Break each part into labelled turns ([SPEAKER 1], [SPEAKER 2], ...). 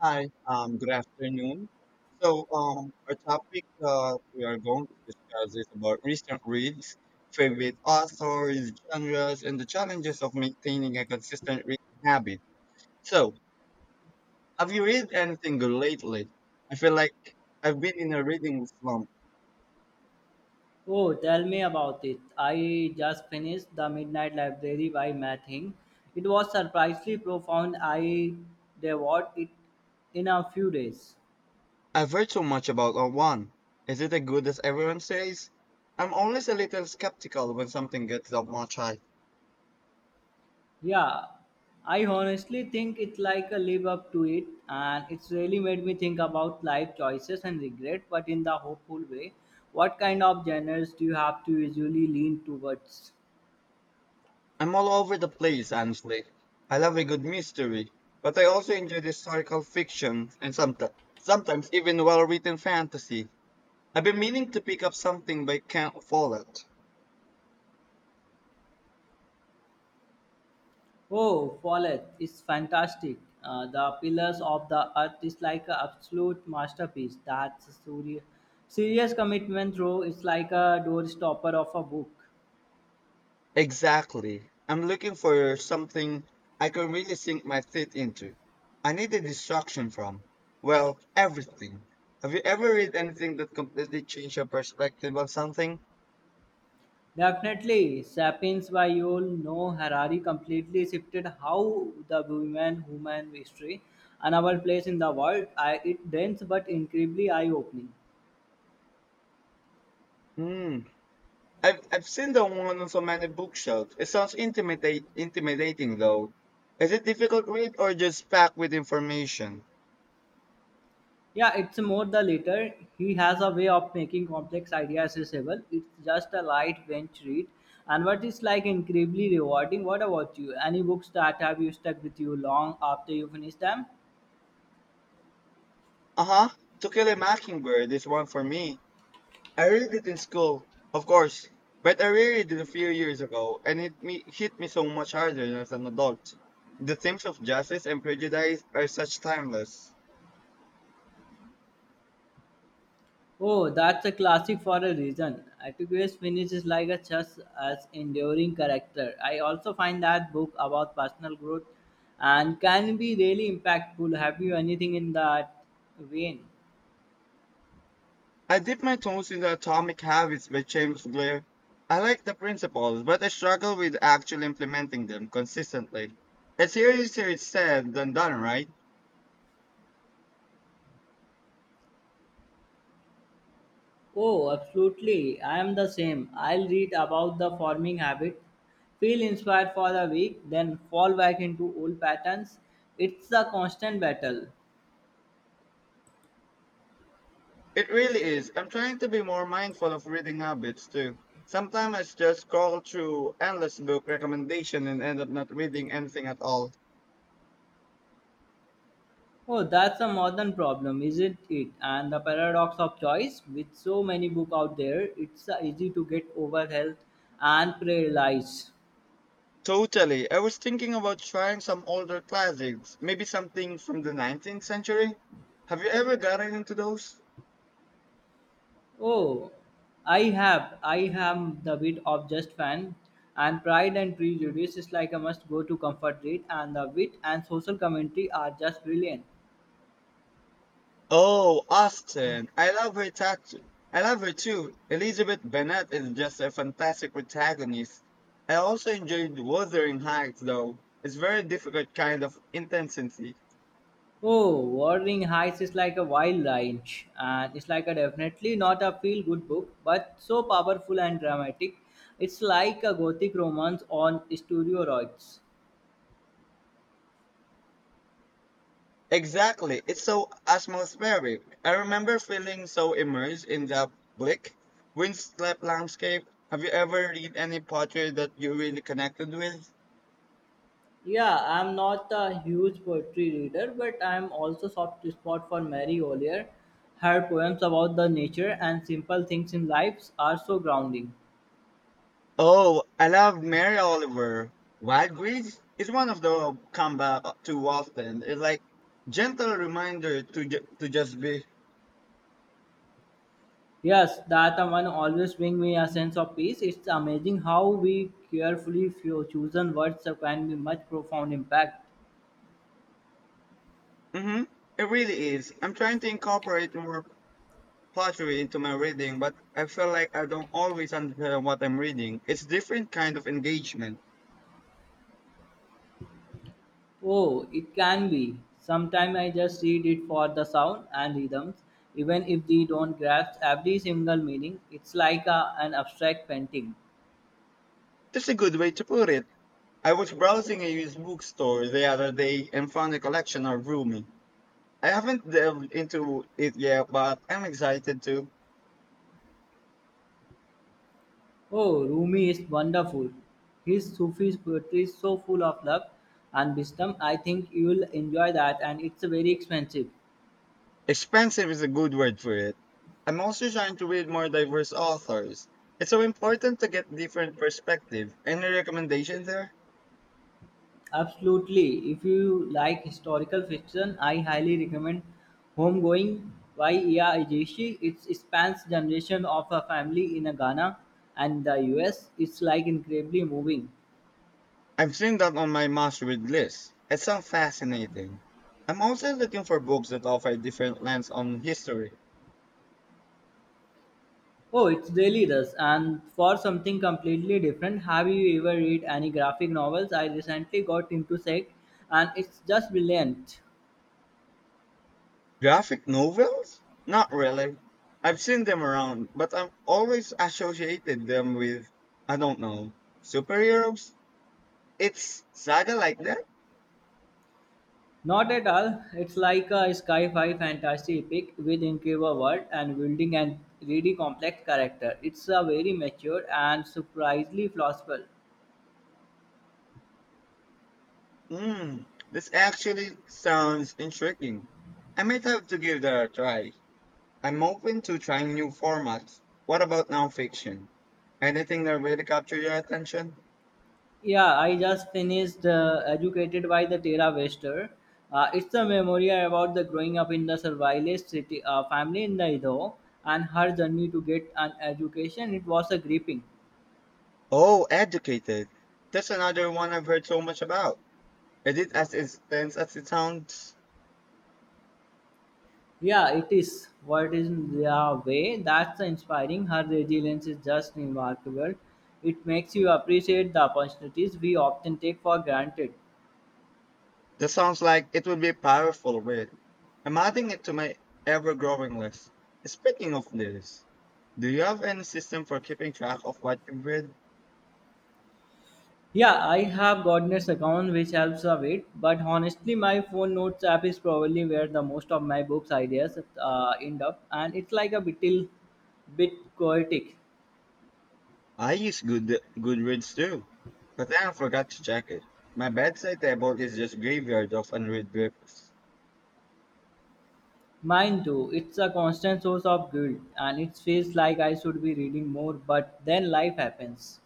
[SPEAKER 1] Hi, good afternoon. Our topic we are going to discuss is about recent reads, favorite authors, genres, and the challenges of maintaining a consistent reading habit. So, have you read anything good lately? I feel like I've been in a reading slump.
[SPEAKER 2] Oh, tell me about it. I just finished The Midnight Library by Matt Hing. It was surprisingly profound. I devoured it in a few days.
[SPEAKER 1] I've heard so much about a one. Is it as good as everyone says? I'm always a little skeptical when something gets that much hype.
[SPEAKER 2] Yeah, I honestly think it's like a live up to it, and it's really made me think about life choices and regret, but in the hopeful way. What kind of genres do you have to usually lean towards?
[SPEAKER 1] I'm all over the place, honestly. I love a good mystery, but I also enjoy historical fiction and sometimes even well-written fantasy. I've been meaning to pick up something but can't afford it.
[SPEAKER 2] Oh, Follett is fantastic. The Pillars of the Earth is like an absolute masterpiece. That's a serious commitment, though. It's like a doorstopper of a book.
[SPEAKER 1] Exactly. I'm looking for something I can really sink my teeth into. I need a distraction from, well, everything. Have you ever read anything that completely changed your perspective on something?
[SPEAKER 2] Definitely, Sapiens by Yul No Harari completely shifted how the women, human history, and our place in the world. I, it dense but incredibly eye-opening.
[SPEAKER 1] Hmm. I've seen the one on so many bookshelves. It sounds intimidate intimidating though. Is it difficult read or just packed with information?
[SPEAKER 2] Yeah, it's more the latter. He has a way of making complex ideas accessible. It's just a light bench read. And what is like incredibly rewarding. What about you? Any books that have you stuck with you long after you finish them?
[SPEAKER 1] Uh huh. To Kill a Mockingbird is one for me. I read it in school, of course, but I reread it a few years ago, and hit me so much harder as an adult. The themes of justice and prejudice are such timeless.
[SPEAKER 2] Oh, that's a classic for a reason. Atticus Finnish is like a just as enduring character. I also find that book about personal growth and can be really impactful. Have you anything in that vein?
[SPEAKER 1] I dip my toes in the Atomic Habits by James Clear. I like the principles, but I struggle with actually implementing them consistently. It's easier said than done, right?
[SPEAKER 2] Oh, absolutely. I am the same. I'll read about the farming habit, feel inspired for a week, then fall back into old patterns. It's a constant battle.
[SPEAKER 1] It really is. I'm trying to be more mindful of reading habits too. Sometimes I just scroll through endless book recommendation and end up not reading anything at all.
[SPEAKER 2] Oh, that's a modern problem, isn't it? And the paradox of choice, with so many books out there, it's easy to get over health and paralyzed.
[SPEAKER 1] Totally. I was thinking about trying some older classics, maybe something from the 19th century. Have you ever gotten into those?
[SPEAKER 2] Oh, I have. I am the bit of just fan, and Pride and Prejudice is like a must-go to comfort read, and the wit and social commentary are just brilliant.
[SPEAKER 1] Oh, Austen. I love her tattoo. I love her too. Elizabeth Bennet is just a fantastic protagonist. I also enjoyed Wuthering Heights though. It's very difficult kind of intensity.
[SPEAKER 2] Oh, Wuthering Heights is like a wild lunch, and it's like a definitely not a feel-good book, but so powerful and dramatic. It's like a gothic romance on steroids.
[SPEAKER 1] Exactly. It's so atmospheric. I remember feeling so immersed in the bleak, windswept landscape. Have you ever read any poetry that you really connected with?
[SPEAKER 2] Yeah, I'm not a huge poetry reader, but I'm also soft spot for Mary Oliver. Her poems about the nature and simple things in life are so grounding.
[SPEAKER 1] Oh, I love Mary Oliver. Wild Grease is one of the come back too often. It's like gentle reminder to to just be.
[SPEAKER 2] Yes, that one always bring me a sense of peace. It's amazing how we carefully few chosen words can be much profound impact.
[SPEAKER 1] Hmm. It really is. I'm trying to incorporate more poetry into my reading, but I feel like I don't always understand what I'm reading. It's different kind of engagement.
[SPEAKER 2] Oh, it can be. Sometimes I just read it for the sound and rhythms, even if they don't grasp every single meaning. It's like a, an abstract painting.
[SPEAKER 1] That's a good way to put it. I was browsing a used bookstore the other day and found a collection of Rumi. I haven't delved into it yet, but I'm excited to.
[SPEAKER 2] Oh, Rumi is wonderful. His Sufi poetry is so full of love and wisdom. I think you will enjoy that, and it's very expensive.
[SPEAKER 1] Expensive is a good word for it. I'm also trying to read more diverse authors. It's so important to get different perspective. Any recommendations there?
[SPEAKER 2] Absolutely. If you like historical fiction, I highly recommend Homegoing by Iya Ejeshi. It spans generation of a family in Ghana and the US. It's like incredibly moving.
[SPEAKER 1] I've seen that on my must read list. It sounds fascinating. I'm also looking for books that offer different lens on history.
[SPEAKER 2] Oh, it really does. And for something completely different, have you ever read any graphic novels? I recently got into Sect, and it's just brilliant.
[SPEAKER 1] Graphic novels? Not really. I've seen them around, but I'm always associated them with I don't know superheroes. It's saga like that.
[SPEAKER 2] Not at all. It's like a sci-fi fantasy epic with incredible world and building and really complex character. It's a very mature and surprisingly philosophical.
[SPEAKER 1] Mm, this actually sounds intriguing. I might have to give that a try. I'm open to trying new formats. What about nonfiction? Anything that really captured your attention?
[SPEAKER 2] Yeah, I just finished Educated by the Tera Wester. It's a memoir about the growing up in the survivalist city, family in the Idaho and her journey to get an education. It was a gripping.
[SPEAKER 1] Oh, Educated. That's another one I've heard so much about. Is it as intense as it sounds?
[SPEAKER 2] Yeah, it is. What is the way? That's inspiring. Her resilience is just remarkable. It makes you appreciate the opportunities we often take for granted.
[SPEAKER 1] That sounds like it would be a powerful read. I'm adding it to my ever-growing list. Speaking of this, do you have any system for keeping track of what you've read?
[SPEAKER 2] Yeah, I have Godness account which helps a bit, but honestly, my phone notes app is probably where the most of my books ideas end up, and it's like a little bit chaotic.
[SPEAKER 1] I use Goodreads too, but I forgot to check it. My bedside table is just graveyard of unread books.
[SPEAKER 2] Mine too. It's a constant source of guilt, and it feels like I should be reading more, but then life happens.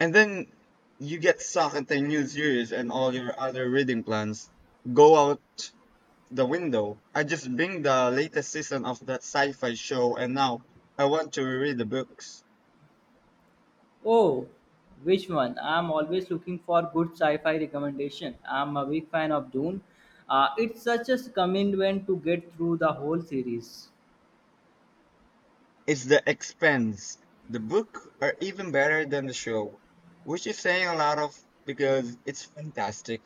[SPEAKER 1] And then you get sucked into new series and all your other reading plans go out the window. I just bring the latest season of that sci-fi show and now I want to reread the books.
[SPEAKER 2] Oh, which one? I'm always looking for good sci-fi recommendation. I'm a big fan of Dune. It's such a commitment to get through the whole series.
[SPEAKER 1] It's the expense. The book are even better than the show, which is saying a lot of because it's fantastic.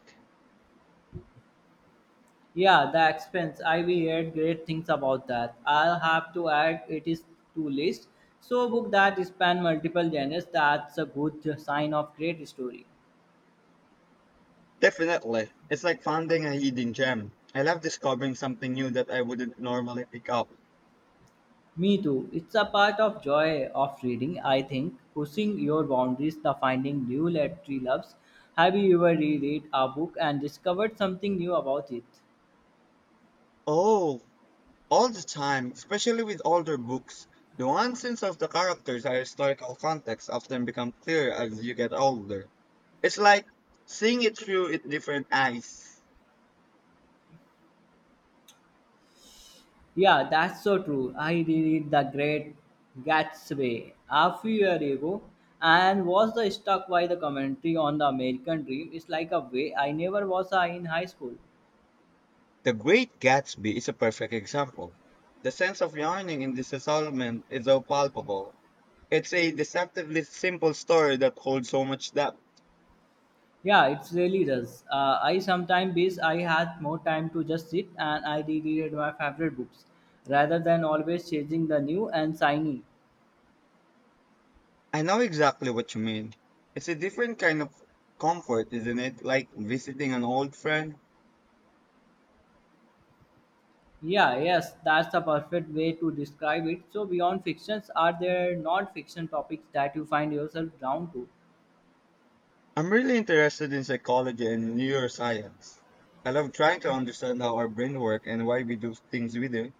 [SPEAKER 2] Yeah, the expense. I we heard great things about that. I'll have to add it is to list. So book that span multiple genres. That's a good sign of great story.
[SPEAKER 1] Definitely. It's like finding a hidden gem. I love discovering something new that I wouldn't normally pick up.
[SPEAKER 2] Me too. It's a part of joy of reading. I think pushing your boundaries, the finding new literary loves. Have you ever reread a book and discovered something new about it?
[SPEAKER 1] Oh, all the time, especially with older books. The nuances of the characters and historical context often become clearer as you get older. It's like seeing it through it different eyes.
[SPEAKER 2] Yeah, that's so true. I read The Great Gatsby a few years ago and was the struck by the commentary on the American dream. It's like a way I never was in high school.
[SPEAKER 1] The Great Gatsby is a perfect example. The sense of yearning in this installment is so palpable. It's a deceptively simple story that holds so much depth.
[SPEAKER 2] Yeah, it really does. I sometimes wish I had more time to just sit and I reread my favorite books rather than always chasing the new and shiny.
[SPEAKER 1] I know exactly what you mean. It's a different kind of comfort, isn't it? Like visiting an old friend.
[SPEAKER 2] Yeah, yes, that's the perfect way to describe it. So, beyond fictions, are there non fiction topics that you find yourself drawn to?
[SPEAKER 1] I'm really interested in psychology and neuroscience. I love trying to understand how our brain works and why we do things we do.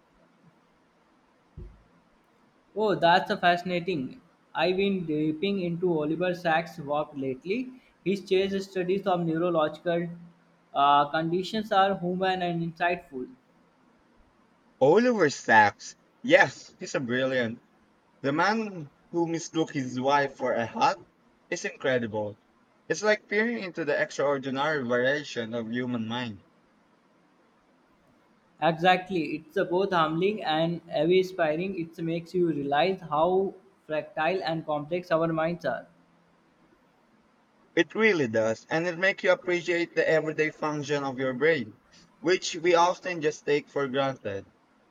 [SPEAKER 2] Oh, that's a fascinating. I've been dipping into Oliver Sacks' work lately. His chase studies of neurological conditions are human and insightful.
[SPEAKER 1] Oliver Sacks. Yes, he's a brilliant. The man who mistook his wife for a hat is incredible. It's like peering into the extraordinary variation of human mind.
[SPEAKER 2] Exactly. It's a both humbling and awe-inspiring. It makes you realize how fractile and complex our minds are.
[SPEAKER 1] It really does, and it makes you appreciate the everyday function of your brain, which we often just take for granted.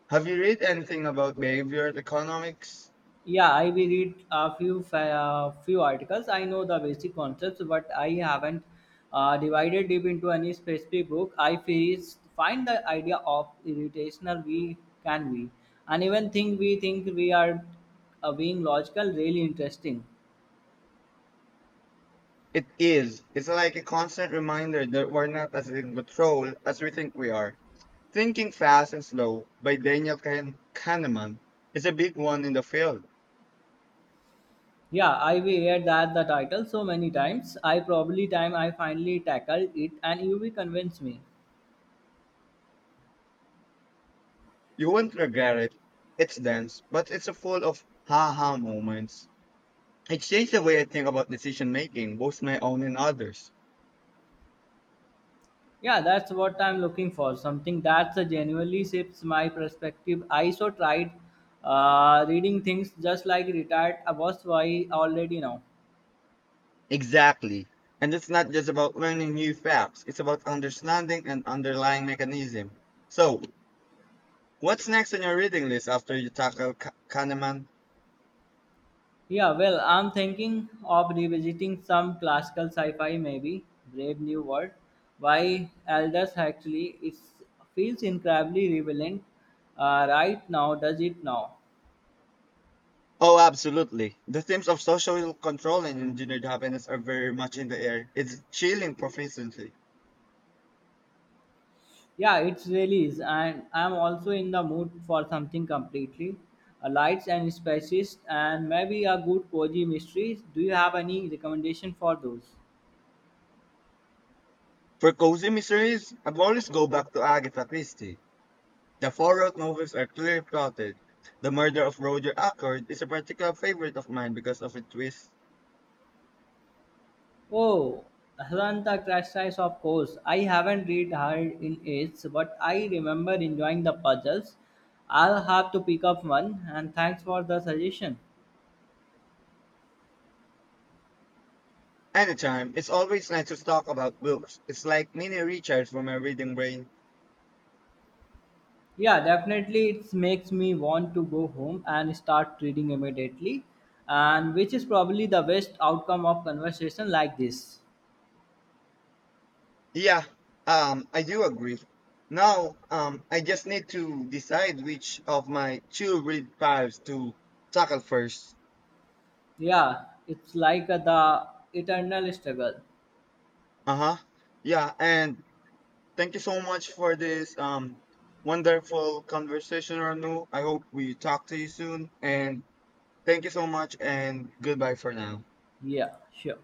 [SPEAKER 1] Have you read anything about behavioral economics?
[SPEAKER 2] Yeah, I will read a few articles. I know the basic concepts, but I haven't divided deep into any specific book. I first find the idea of irritational we can be, and even think we are being logical really interesting.
[SPEAKER 1] It is. It's like a constant reminder that we're not as in control as we think we are. Thinking Fast and Slow by Kahneman is a big one in the field.
[SPEAKER 2] Yeah, I will hear that the title so many times. I probably time I finally tackled it, and you will convince me.
[SPEAKER 1] You won't regret it. It's dense, but it's full of ha ha moments. It changed the way I think about decision making, both my own and others.
[SPEAKER 2] Yeah, that's what I'm looking for. Something that genuinely shifts my perspective. I so tried reading things just like retired I was why already now.
[SPEAKER 1] Exactly. And it's not just about learning new facts, it's about understanding an underlying mechanism. So, what's next on your reading list after you tackle Kahneman?
[SPEAKER 2] Yeah, well, I'm thinking of revisiting some classical sci-fi, maybe Brave New World by Aldous Huxley. It feels incredibly relevant right now. Does it now?
[SPEAKER 1] Oh, absolutely. The themes of social control and engineered happiness are very much in the air. It's chilling proficiently.
[SPEAKER 2] Yeah, it's really is, and I'm also in the mood for something completely a lights and spices, and maybe a good cozy mystery. Do you have any recommendation for those?
[SPEAKER 1] For cozy mysteries, I've always go back to Agatha Christie. The four-out novels are clearly plotted. The murder of Roger Ackroyd is a particular favorite of mine because of its twist.
[SPEAKER 2] Oh, Atlanta Crash Size, of course. I haven't read her in ages, but I remember enjoying the puzzles. I'll have to pick up one, and thanks for the suggestion.
[SPEAKER 1] Anytime. It's always nice to talk about books. It's like mini recharge for my reading brain.
[SPEAKER 2] Yeah, definitely. It makes me want to go home and start reading immediately, and which is probably the best outcome of conversation like this.
[SPEAKER 1] Yeah, I do agree. Now, I just need to decide which of my two read files to tackle first.
[SPEAKER 2] Yeah, it's like the eternal struggle.
[SPEAKER 1] Uh huh. Yeah, and thank you so much for this wonderful conversation, Ranu. I hope we talk to you soon. And thank you so much, and goodbye for now.
[SPEAKER 2] Yeah, sure.